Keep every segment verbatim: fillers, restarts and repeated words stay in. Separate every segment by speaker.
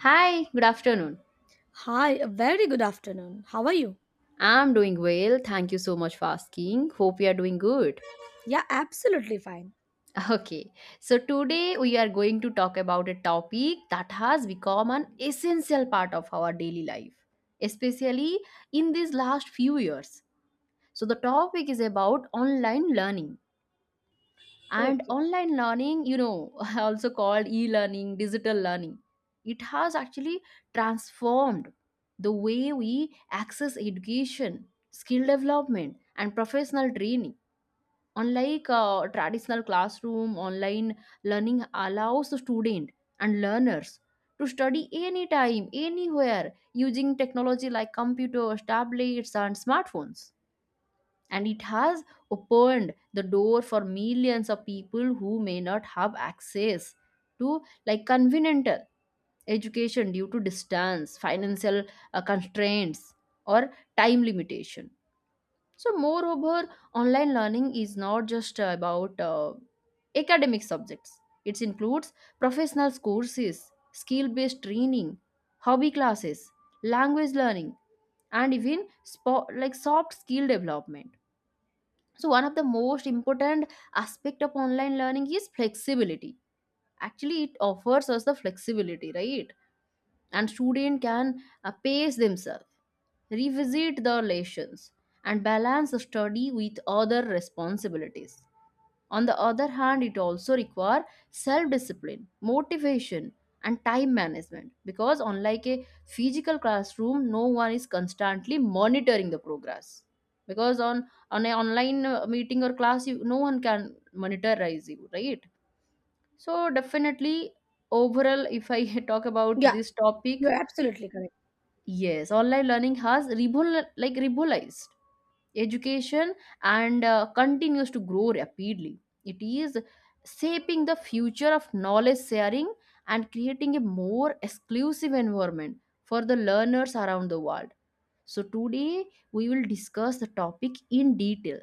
Speaker 1: Hi, good afternoon.
Speaker 2: Hi, a very good afternoon. How are you?
Speaker 1: I'm doing well. Thank you so much for asking. Hope you are doing good.
Speaker 2: Yeah, absolutely fine.
Speaker 1: Okay, so today we are going to talk about a topic that has become an essential part of our daily life, especially in these last few years. So, the topic is about online learning. And
Speaker 2: Okay.
Speaker 1: online learning, you know also called e-learning, digital learning, it has actually transformed the way we access education, skill development, and professional training. Unlike uh, traditional classroom, online learning allows the student and learners to study anytime, anywhere, using technology like computers, tablets, and smartphones. And it has opened the door for millions of people who may not have access to, like, convenient education due to distance, financial uh, constraints, or time limitation. So moreover, online learning is not just about uh, academic subjects. It includes professional courses, skill based training, hobby classes, language learning, and even spo- like soft skill development. So one of the most important aspect of online learning is flexibility. Actually, it offers us the flexibility, right? And student can uh, pace themselves, revisit the lessons, and balance the study with other responsibilities. On the other hand, it also requires self discipline, motivation, and time management because, unlike a physical classroom, no one is constantly monitoring the progress. Because on on an online uh, meeting or class, you, no one can monitorize you, right? So definitely, overall, if I talk about
Speaker 2: Yeah,
Speaker 1: this topic,
Speaker 2: you're absolutely correct.
Speaker 1: yes, online learning has revol- like revolutionized education and uh, continues to grow rapidly. It is shaping the future of knowledge sharing and creating a more exclusive environment for the learners around the world. So, today we will discuss the topic in detail.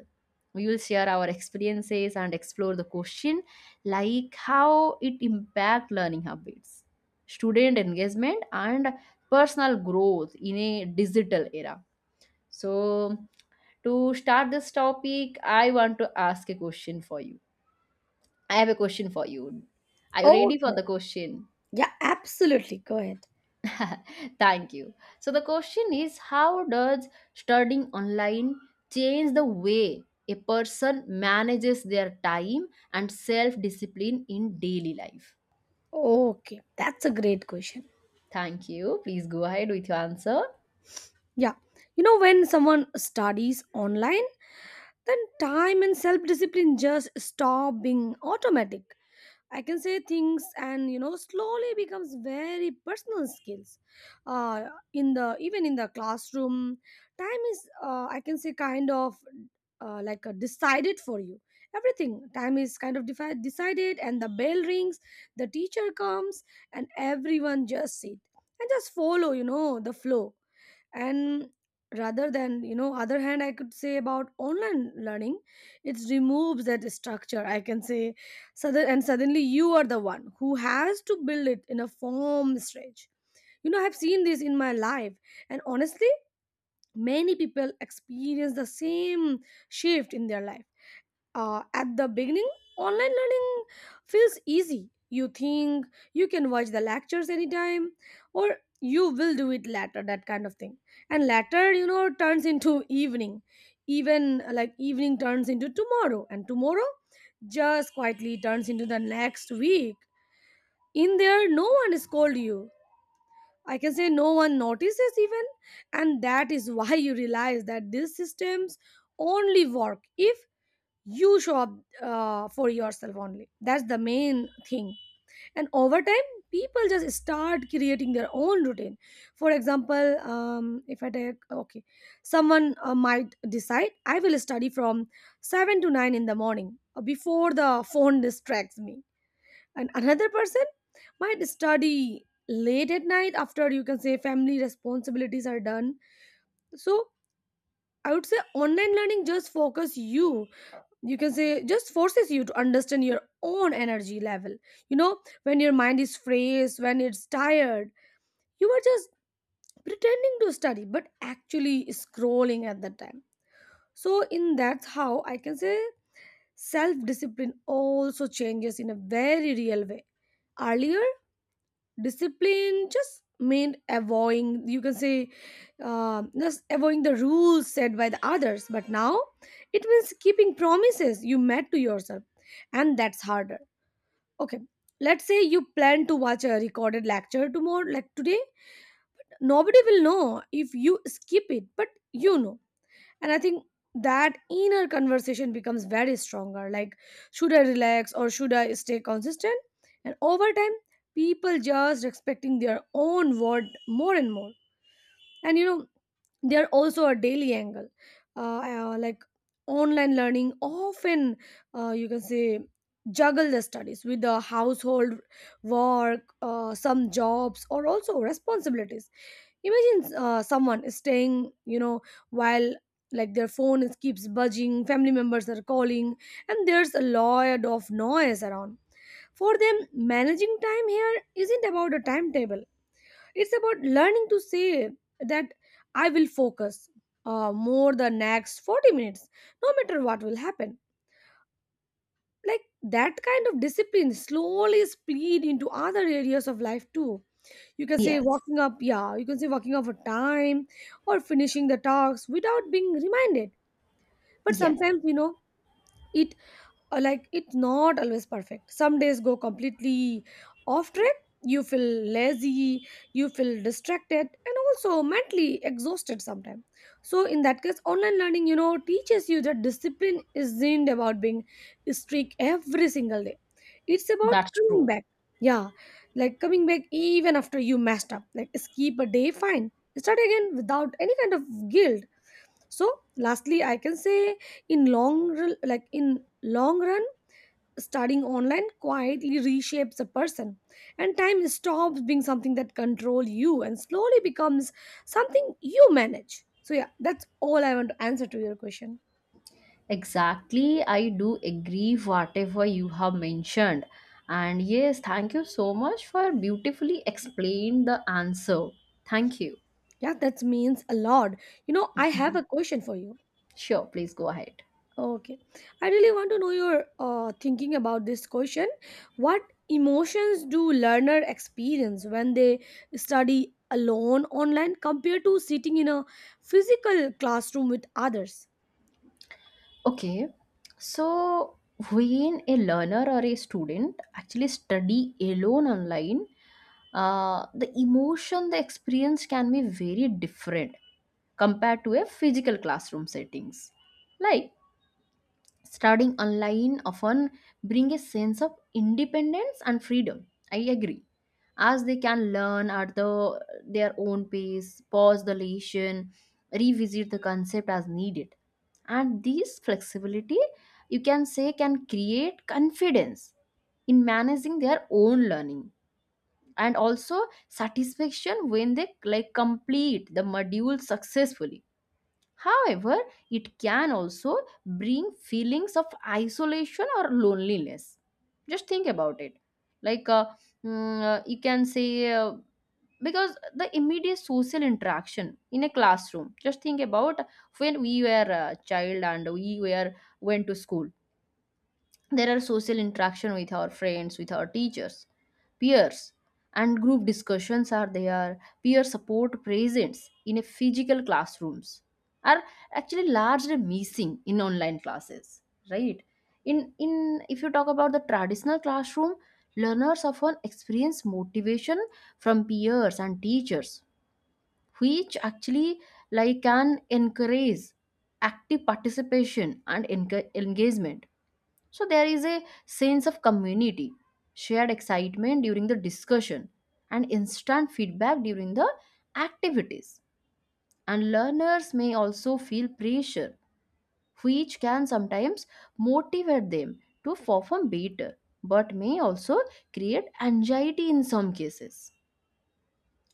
Speaker 1: We will share our experiences and explore the question like how it impact learning habits, student engagement, and personal growth in a digital era. So, to start this topic, I want to ask a question for you. I have a question for you. Are you ready
Speaker 2: Okay.
Speaker 1: for the question?
Speaker 2: Yeah, absolutely. Go ahead.
Speaker 1: Thank you. So, the question is, how does studying online change the way a person manages their time and self discipline in daily life?
Speaker 2: Okay. That's a great question.
Speaker 1: Thank you. Please go ahead with your answer.
Speaker 2: Yeah. You know, when someone studies online, then time and self discipline just stop being automatic. I can say things and you know slowly becomes very personal skills. Uh, in the even in the classroom, time is uh, I can say kind of uh, like uh, decided for you. Everything time is kind of defi- decided, and the bell rings, the teacher comes, and everyone just sit and just follow. You know the flow and rather than you know other hand I could say about online learning, it removes that structure I can say. So and suddenly you are the one who has to build it in a form stage. You know I've seen this in my life, and honestly many people experience the same shift in their life. Uh, at the beginning, online learning feels easy. You think you can watch the lectures anytime, or you will do it later, that kind of thing. And later, you know, turns into evening. Even uh, like evening turns into tomorrow, and tomorrow just quietly turns into the next week. In there, no one scold you. I can say no one notices even, and that is why you realize that these systems only work if you show up uh, for yourself only. That's the main thing. And over time people just start creating their own routine. For example, um, if I take, okay, someone uh, might decide I will study from seven to nine in the morning uh, before the phone distracts me, and another person might study late at night after you can say family responsibilities are done. So I would say online learning just focus you, you can say just forces you to understand your own energy level. You know when your mind is frayed, when it's tired you are just pretending to study but actually scrolling at that time. So in that's how I can say self discipline also changes in a very real way. Earlier discipline just meant avoiding you can say uh, just avoiding the rules set by the others, but now it means keeping promises you made to yourself, and that's harder. Okay, let's say you plan to watch a recorded lecture tomorrow like today. Nobody will know if you skip it, but you know. And I think that inner conversation becomes very stronger, like should I relax or should I stay consistent. And over time people just respecting their own word more and more. And you know there are also a daily angle. uh, uh, like Online learning often uh, you can say juggle the studies with the household work, uh, some jobs or also responsibilities. Imagine uh, someone is staying you know while like their phone is, keeps buzzing, family members are calling, and there's a lot of noise around. For them managing time here isn't about a timetable, it's about learning to say that I will focus uh, more the next forty minutes, no matter what will happen. Like that kind of discipline slowly spread into other areas of life too. You can say
Speaker 1: Yes,
Speaker 2: walking up, yeah, you can say walking up for time, or finishing the talks without being reminded. But
Speaker 1: yes,
Speaker 2: sometimes, you know, it uh, like it's not always perfect. Some days go completely off track. You feel lazy, you feel distracted and also mentally exhausted sometimes. So in that case online learning you know teaches you that discipline isn't about being strict every single day, it's about
Speaker 1: that's
Speaker 2: coming
Speaker 1: true.
Speaker 2: back. Yeah, like coming back even after you messed up, like skip a day fine, start again without any kind of guilt. So lastly I can say in long run- like in long run studying online quietly reshapes a person, and time stops being something that control you and slowly becomes something you manage. So yeah, that's all I want to answer to your question.
Speaker 1: Exactly, I do agree whatever you have mentioned. And yes, thank you so much for beautifully explain the answer. Thank you.
Speaker 2: Yeah, that means a lot. You know I have
Speaker 1: Mhm.
Speaker 2: a question for you.
Speaker 1: Sure, please go ahead.
Speaker 2: Okay, I really want to know your uh, thinking about this question. What emotions do learner experience when they study alone online compared to sitting in a physical classroom with others?
Speaker 1: Okay. So when a learner or a student actually study alone online, uh, the emotion they experience can be very different compared to a physical classroom settings. Like studying online often bring a sense of independence and freedom, I agree, as they can learn at the their own pace, pause the lesson, revisit the concept as needed. And this flexibility, you can say, can create confidence in managing their own learning and also satisfaction when they, like, complete the module successfully. However, it can also bring feelings of isolation or loneliness. Just think about it. Like uh, mm, uh, you can say, uh, because the immediate social interaction in a classroom, just think about when we were a child and we were went to school, there are social interaction with our friends, with our teachers, peers, and group discussions are there. Peer support presence in a physical classrooms are actually largely missing in online classes, right? In in if you talk about the traditional classroom, learners often experience motivation from peers and teachers, which actually, like, can encourage active participation and enca- engagement. So there is a sense of community, shared excitement during the discussion, and instant feedback during the activities. And learners may also feel pressure, which can sometimes motivate them to perform better, but may also create anxiety in some cases.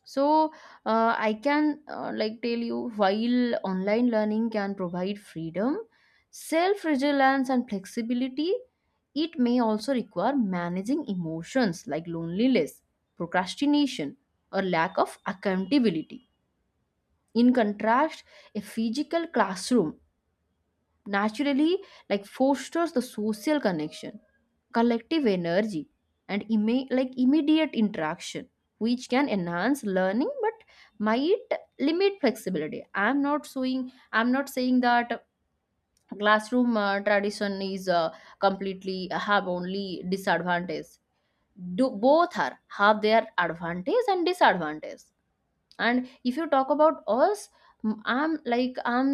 Speaker 1: So, uh, I can uh, like tell you, while online learning can provide freedom, self resilience and flexibility, it may also require managing emotions like loneliness, procrastination, or lack of accountability. In contrast, a physical classroom naturally, like, fosters the social connection, collective energy, and imme- like immediate interaction, which can enhance learning, but might limit flexibility. I'm not saying I'm not saying that classroom uh, tradition is uh, completely have only disadvantage. Do both are have their advantage and disadvantage. And if you talk about us, m- I'm like I'm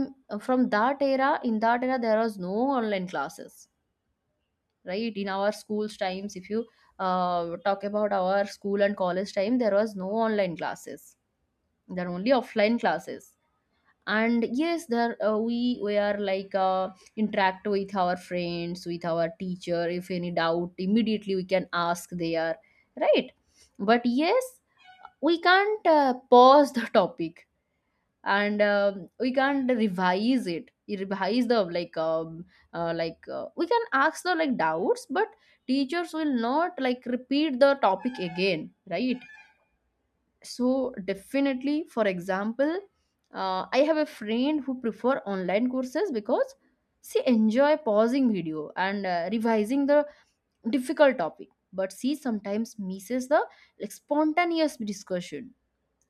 Speaker 1: from that era. In that era there was no online classes, right? In our school's times, if you uh, talk about our school and college time, there was no online classes. There are only offline classes. And yes, there uh, we we are like uh, interact with our friends, with our teacher. If any doubt, immediately we can ask there, right? But yes, we can't uh, pause the topic and um, we can't revise it, revise the like um, uh, like uh, we can ask the like doubts, but teachers will not like repeat the topic again, right? So definitely, for example, uh, I have a friend who prefer online courses because she enjoy pausing video and uh, revising the difficult topic, but she sometimes misses the, like, spontaneous discussion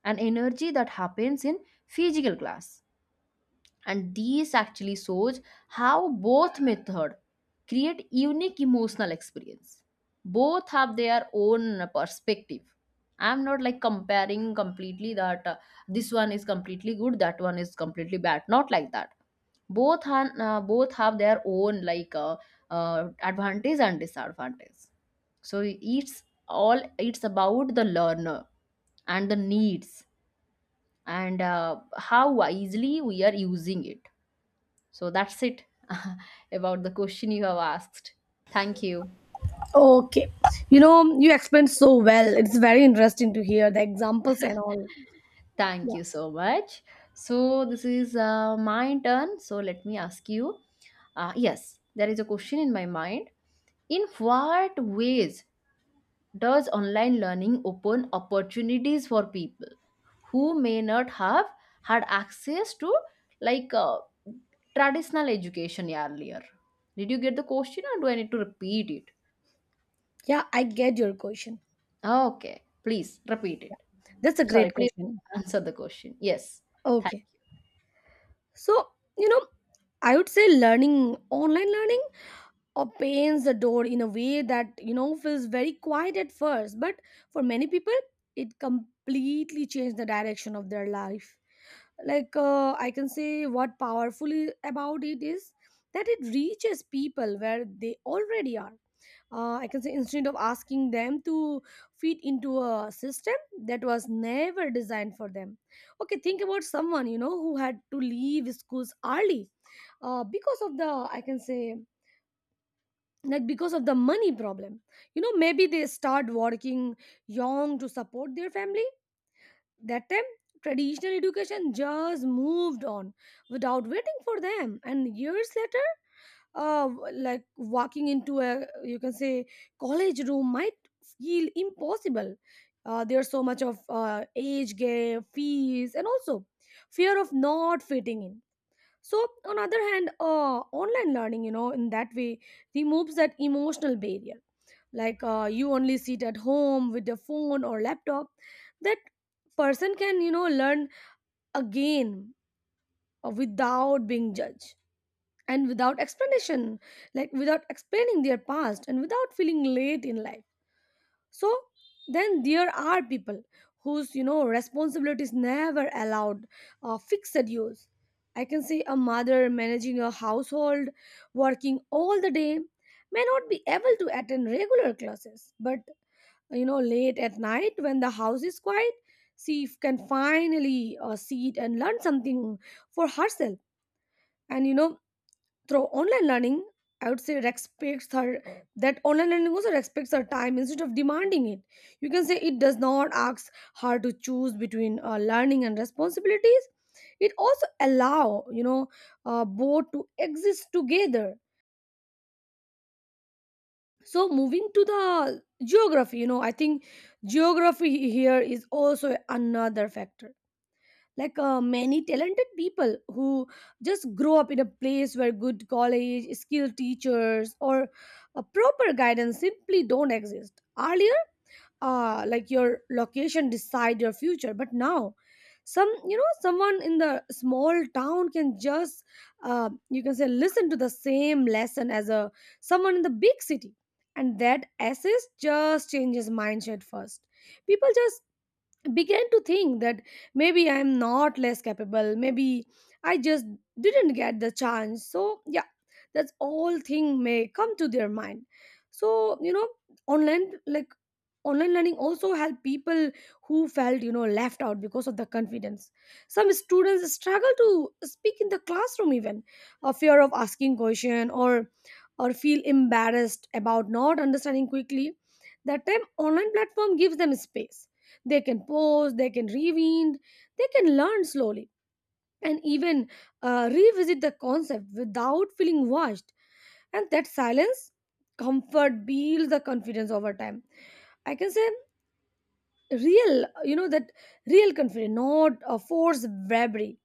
Speaker 1: and energy that happens in physical class. And these actually shows how both method create unique emotional experience. Both have their own perspective. I'm not like comparing completely that uh, this one is completely good, that one is completely bad, not like that. Both han, uh, both have their own like uh, uh, advantage and disadvantage. So it's all, it's about the learner and the needs, and uh, how wisely we are using it. So that's it, about the question you have asked. Thank you.
Speaker 2: Okay. You know, you explained so well. It's very interesting to hear the examples and all.
Speaker 1: Thank
Speaker 2: Yeah.
Speaker 1: you so much. So this is uh, my turn. So let me ask you. Uh, yes, there is a question in my mind. In what ways does online learning open opportunities for people who may not have had access to, like uh, traditional education earlier? Did you get the question or do I need to repeat it?
Speaker 2: Yeah, I get your question.
Speaker 1: Okay, please repeat it.
Speaker 2: Yeah. That's a
Speaker 1: Sorry,
Speaker 2: great
Speaker 1: please
Speaker 2: question.
Speaker 1: answer the question. Yes. Thank,
Speaker 2: Okay. So, you know, I would say learning, online learning opens the door in a way that you know feels very quiet at first, but for many people it completely changed the direction of their life. Like uh, I can say what powerful i- about it is that it reaches people where they already are. uh, I can say instead of asking them to fit into a system that was never designed for them. Okay, think about someone you know who had to leave schools early, uh, because of the I can say like because of the money problem. You know maybe they start working young to support their family. That time traditional education just moved on without waiting for them, and years later uh like walking into a you can say college room might feel impossible. Uh, there's so much of uh, age gap, fees and also fear of not fitting in. So on other hand uh, online learning you know in that way removes that emotional barrier. Like uh, you only sit at home with your phone or laptop, that person can you know learn again uh, without being judged and without explanation, like without explaining their past and without feeling late in life. So then there are people whose you know responsibility is never allowed uh, fixed use. I can say a mother managing a household, working all the day, may not be able to attend regular classes, but you know late at night when the house is quiet she f- can finally uh, sit and learn something for herself. And you know through online learning I would say respects her, that online learning also respects her time instead of demanding it. You can say it does not ask her to choose between uh, learning and responsibilities, it also allow you know uh, both to exist together. So moving to the geography, you know I think geography here is also another factor. Like uh, many talented people who just grow up in a place where good college, skilled teachers or a proper guidance simply don't exist earlier. Uh like your location decide your future, but now some you know someone in the small town can just uh, you can say listen to the same lesson as a someone in the big city. And that assist just changes mindset first. People just began to think that maybe I'm not less capable, maybe I just didn't get the chance. So yeah, that's all thing may come to their mind. So you know, online like online learning also helped people who felt you know left out because of the confidence. Some students struggle to speak in the classroom, even a fear of asking question or or feel embarrassed about not understanding quickly. That time online platform gives them space. They can pause, they can rewind, they can learn slowly, and even uh, revisit the concept without feeling washed. And that silence, comfort builds the confidence over time. I can say real, you know, that real confidence, not a forced bravery.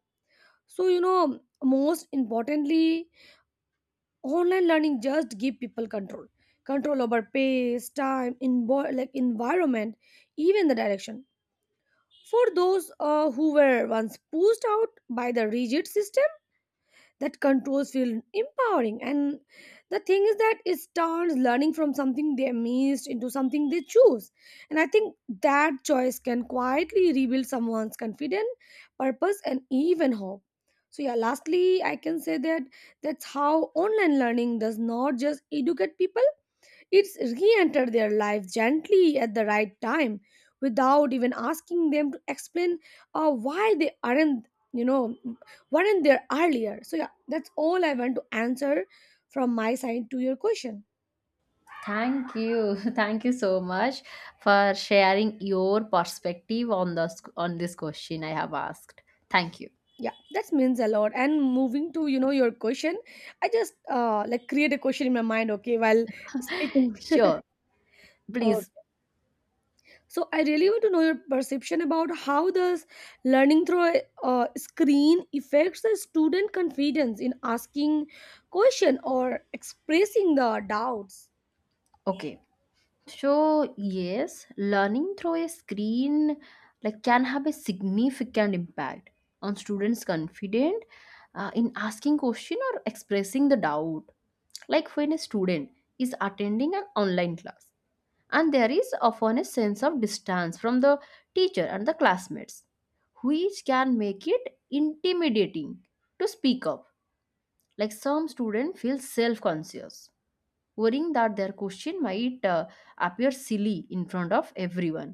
Speaker 2: So, you know, most importantly, online learning just give people control, control over pace, time, in like environment, even the direction. For those uh, who were once pushed out by the rigid system, that controls feel empowering. And the thing is that it turns learning from something they missed into something they choose. And I think that choice can quietly rebuild someone's confidence, purpose, and even hope. So yeah, lastly, I can say that that's how online learning does not just educate people, it's re entered their life gently at the right time without even asking them to explain uh, why they aren't, you know, weren't there earlier. So, yeah, that's all I want to answer from my side to your question.
Speaker 1: thank you. Thank you so much for sharing your perspective on the sc- on this question I have asked. Thank you.
Speaker 2: Yeah, that means a lot. And moving to, you know, your question, I just uh, like create a question in my mind, okay, while speaking.
Speaker 1: Sure. Please.
Speaker 2: So I really want to know your perception about how does learning through a uh, screen affects the student confidence in asking question or expressing the doubts.
Speaker 1: Okay. So, yes, learning through a screen, like, can have a significant impact on students' confidence uh, in asking question or expressing the doubt. Like when a student is attending an online class, and there is often a sense of distance from the teacher and the classmates, which can make it intimidating to speak up. Like some students feel self-conscious, worrying that their question might uh, appear silly in front of everyone,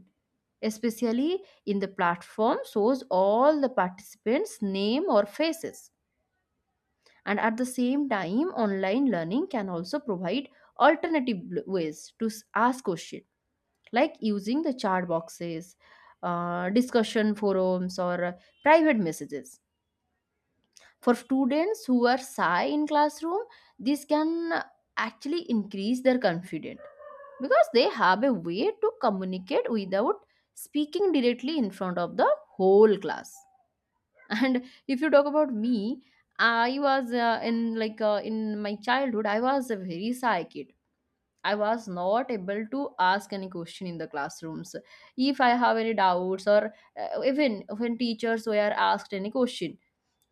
Speaker 1: especially in the platform shows all the participants name or faces. And at the same time, online learning can also provide alternative ways to s- ask questions, like using the chat boxes, uh, discussion forums, or private messages. For students who are shy in classroom, this can actually increase their confidence because they have a way to communicate without speaking directly in front of the whole class. And if you talk about me, I was uh, in like uh, in my childhood, I was a very shy kid. I was not able to ask any question in the classrooms. If I have any doubts, or uh, even when teachers were asked any question,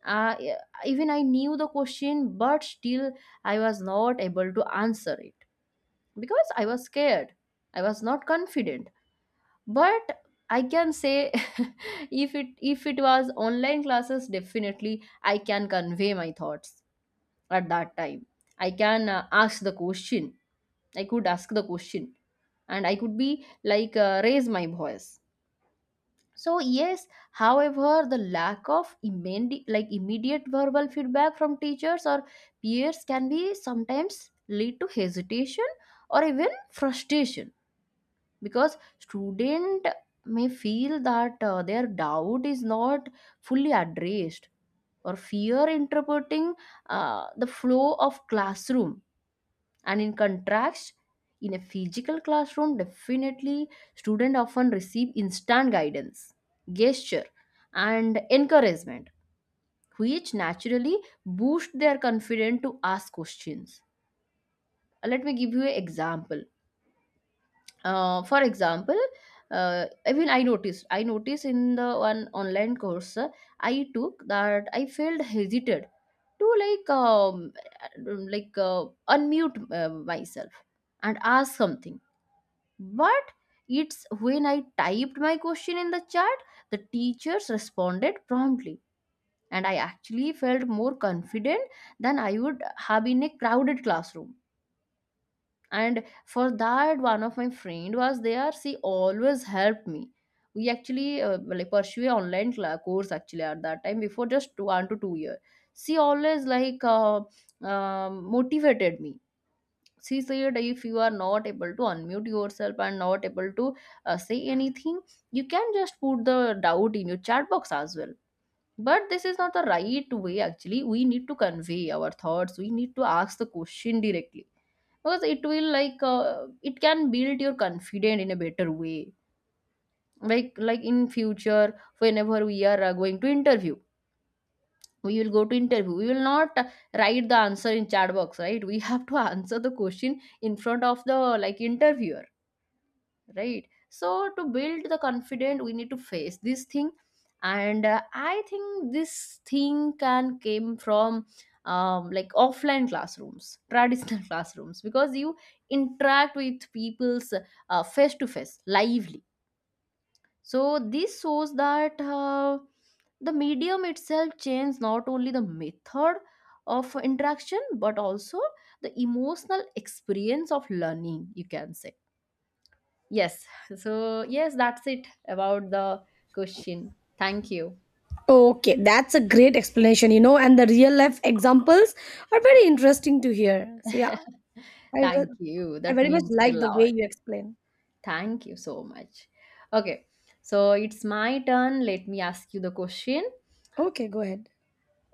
Speaker 1: uh, yeah, even I knew the question, but still I was not able to answer it because I was scared. I was not confident. But I can say, if it if it was online classes, definitely I can convey my thoughts at that time. I can uh, ask the question. I could ask the question, and I could be like uh, raise my voice. So yes, however, the lack of immedi- like immediate verbal feedback from teachers or peers can be sometimes lead to hesitation or even frustration because student may feel that uh, their doubt is not fully addressed or fear interpreting uh, the flow of classroom. And in contrast, in a physical classroom, definitely students often receive instant guidance, gesture, and encouragement, which naturally boost their confidence to ask questions. Uh, let me give you an example. Uh, for example, uh, i mean i noticed I noticed in the one online course uh, I took that I felt hesitant to like um, like uh, unmute uh, myself and ask something. But it's when I typed my question in the chat, the teachers responded promptly, and I actually felt more confident than I would have in a crowded classroom. And for that, one of my friend was there. She always helped me. We actually uh, like pursue a online cla- course actually at that time before just one to two year. She always like uh, um motivated me. She said if you are not able to unmute yourself and not able to uh, say anything, you can just put the doubt in your chat box as well, but this is not the right way. Actually, we need to convey our thoughts, we need to ask the question directly because it will like uh, it can build your confidence in a better way. Like like in future whenever we are uh, going to interview, we will go to interview, we will not uh, write the answer in chat box, right? We have to answer the question in front of the like interviewer, right? So to build the confident, we need to face this thing. And uh, I think this thing can came from um, like offline classrooms, traditional classrooms, because you interact with people's uh, face to face, lively. So this shows that uh, the medium itself changes not only the method of interaction but also the emotional experience of learning, you can say. Yes. So, yes, that's it about the question. Thank you.
Speaker 2: Okay, that's a great explanation, you know, and the real life examples are very interesting to hear. So yeah, I re-
Speaker 1: Thank you.
Speaker 2: I
Speaker 1: That
Speaker 2: very much
Speaker 1: means a
Speaker 2: like the way
Speaker 1: lot.
Speaker 2: you explain.
Speaker 1: Thank you so much. Okay. So, it's my turn. Let me ask you the question.
Speaker 2: Okay, go ahead.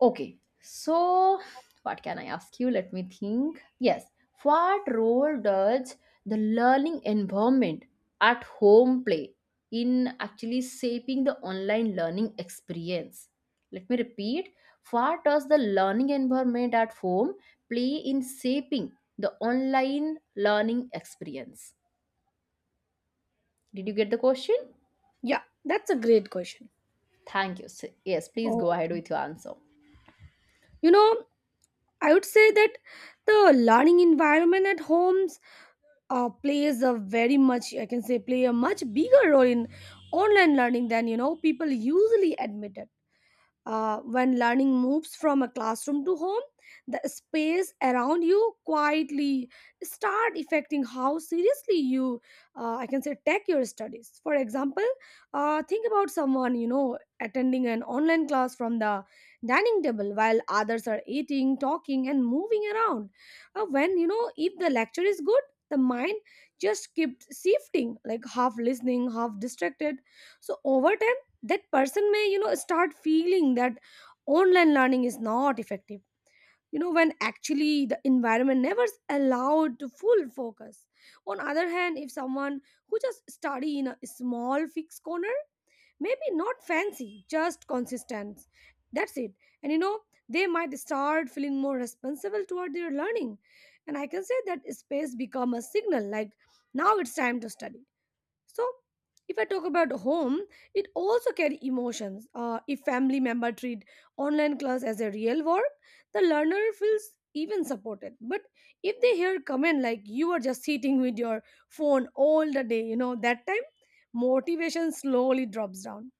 Speaker 1: Okay, so what can I ask you? Let me think. Yes, what role does the learning environment at home play in actually shaping the online learning experience? Let me repeat. What does the learning environment at home play in shaping the online learning experience? Did you get the question?
Speaker 2: Yeah, that's a great question.
Speaker 1: Thank you. So- yes, please go ahead
Speaker 2: Okay.
Speaker 1: with your answer.
Speaker 2: You know, I would say that the learning environment at homes uh, plays a very much I can say play a much bigger role in online learning than you know people usually admit it. Uh, when learning moves from a classroom to home, the space around you quietly start affecting how seriously you, uh, I can say, take your studies. For example, uh, think about someone you know attending an online class from the dining table while others are eating, talking, and moving around. Uh, when you know if the lecture is good, the mind just kept shifting, like half listening, half distracted. So over time that person may you know start feeling that online learning is not effective you know when actually the environment never s- allowed to full focus on other hand if someone who just study in a small fixed corner, maybe not fancy, just consistent, that's it. And you know they might start feeling more responsible toward their learning, and I can say that space become a signal like now it's time to study. So, if I talk about home, it also carry emotions. Uh, if family member treat online class as a real work, the learner feels even supported. But if they hear comment like you are just sitting with your phone all the day, you know that time motivation slowly drops down.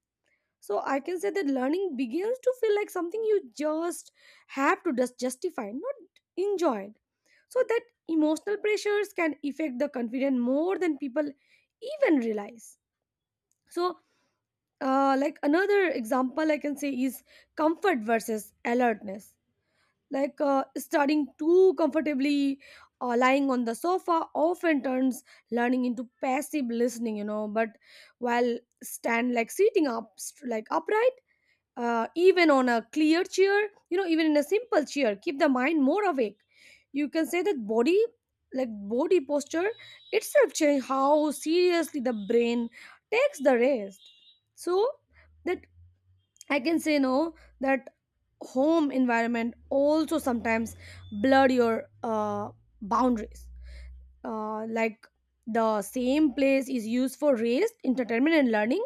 Speaker 2: So I can say that learning begins to feel like something you just have to just justify, not enjoy. So that emotional pressures can affect the confidence more than people even realize. So, uh, like another example I can say is comfort versus alertness. Like uh, studying too comfortably or lying on the sofa often turns learning into passive listening, you know. But while stand like sitting up, like upright, uh, even on a clear chair, you know even in a simple chair, keep the mind more awake. You can say that body like body posture itself change how seriously the brain takes the rest. So that I can say no that home environment also sometimes blur your uh, boundaries, uh, like the same place is used for rest, entertainment, and learning.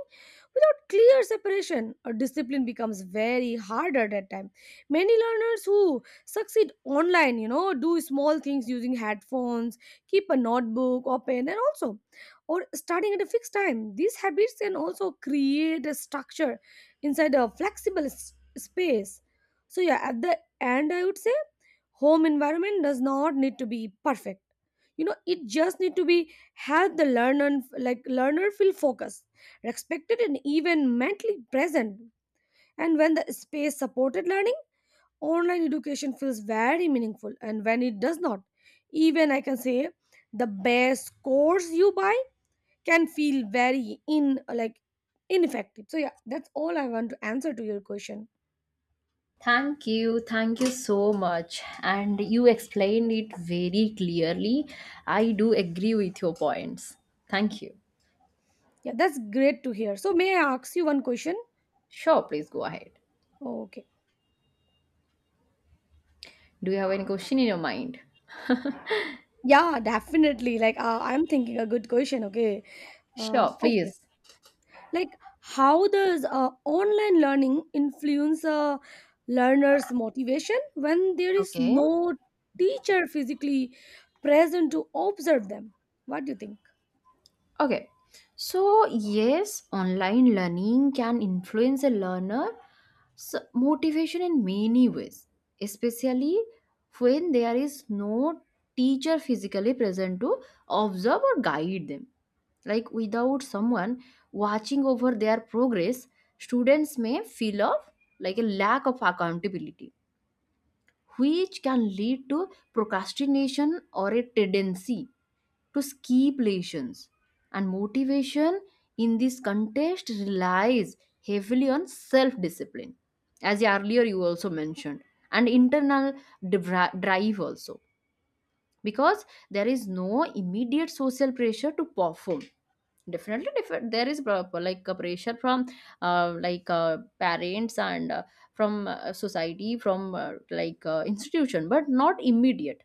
Speaker 2: Without clear separation, a discipline becomes very hard at that time. Many learners who succeed online, you know, do small things using headphones, keep a notebook open, and also, or starting at a fixed time. These habits can also create a structure inside a flexible s- space. So, yeah, at the end, I would say home environment does not need to be perfect, you know it just need to be help the learner, like learner feel focused, respected, and even mentally present. And when the space supported learning, online education feels very meaningful, and when it does not, even I can say the best course you buy can feel very in like ineffective. So yeah, that's all I want to answer to your question.
Speaker 1: Thank you. Thank you so much. And you explained it very clearly. I do agree with your points. Thank you.
Speaker 2: Yeah, that's great to hear. So may I ask you one question?
Speaker 1: Sure, please go ahead.
Speaker 2: Okay.
Speaker 1: Do you have any question in your mind?
Speaker 2: Yeah, definitely. Like, uh, I'm thinking a good question. Okay. Uh,
Speaker 1: Sure,
Speaker 2: okay.
Speaker 1: please.
Speaker 2: Like, how does uh, online learning influence a learner's motivation when there is
Speaker 1: Okay.
Speaker 2: no teacher physically present to observe them? What do you think?
Speaker 1: Okay. So, yes, online learning can influence a learner s- motivation in many ways, especially when there is no teacher physically present to observe or guide them. Like without someone watching over their progress, students may feel of like a lack of accountability, which can lead to procrastination or a tendency to skip lessons. And motivation in this context relies heavily on self discipline, as earlier you also mentioned, and internal dri- drive also, because there is no immediate social pressure to perform. Definitely different, there is prob- like a pressure from uh, like uh, parents and uh, from uh, society, from uh, like uh, institution, but not immediate.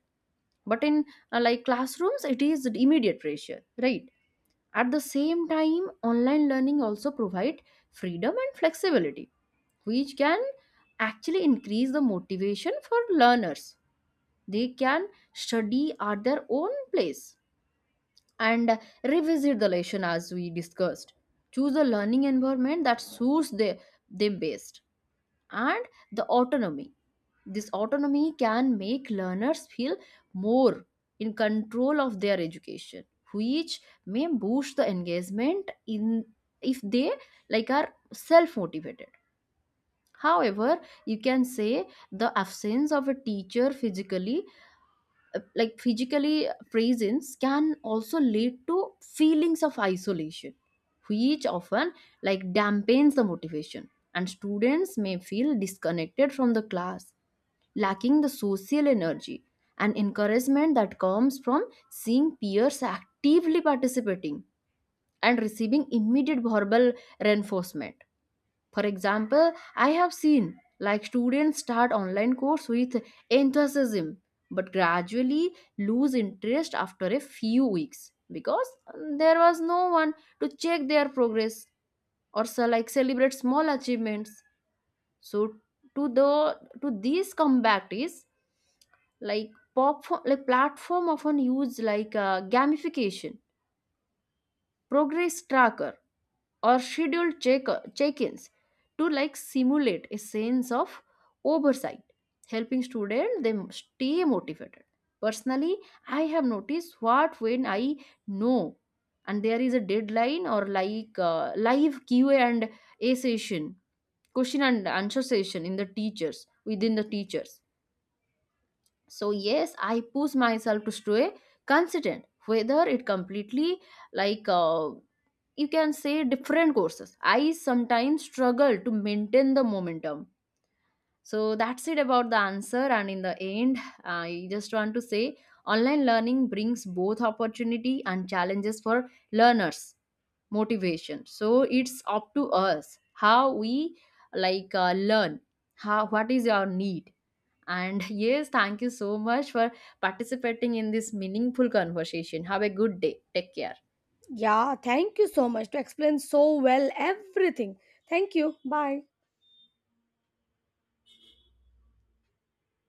Speaker 1: But in uh, like classrooms it is immediate pressure, right? At the same time, online learning also provide freedom and flexibility, which can actually increase the motivation for learners. They can study at their own place and revisit the lesson as we discussed. Choose a learning environment that suits the, them best, and the autonomy. This autonomy can make learners feel more in control of their education, which may boost the engagement in if they like are self-motivated. However, you can say the absence of a teacher physically uh, like physically uh, presence can also lead to feelings of isolation, which often like dampens the motivation, and students may feel disconnected from the class, lacking the social energy and encouragement that comes from seeing peers actively participating and receiving immediate verbal reinforcement. For example, I have seen like students start online course with enthusiasm but gradually lose interest after a few weeks because um, there was no one to check their progress or so like celebrate small achievements. So, to the to these comeback is like pop like platform often use like uh, gamification, progress tracker, or scheduled check- check-ins to like simulate a sense of oversight, helping students them stay motivated. Personally, I have noticed what when I know and there is a deadline or like uh, live Q A and a session, question and answer session in the teachers within the teachers. So yes, I push myself to stay consistent, whether it completely like uh, you can say different courses. I sometimes struggle to maintain the momentum. So that's it about the answer. And in the end, I just want to say online learning brings both opportunity and challenges for learners motivation. So it's up to us how we like uh, learn, how what is your need. And yes, thank you so much for participating in this meaningful conversation. Have a good day, take care.
Speaker 2: Yeah, thank you so much to explain so well everything. Thank you. Bye.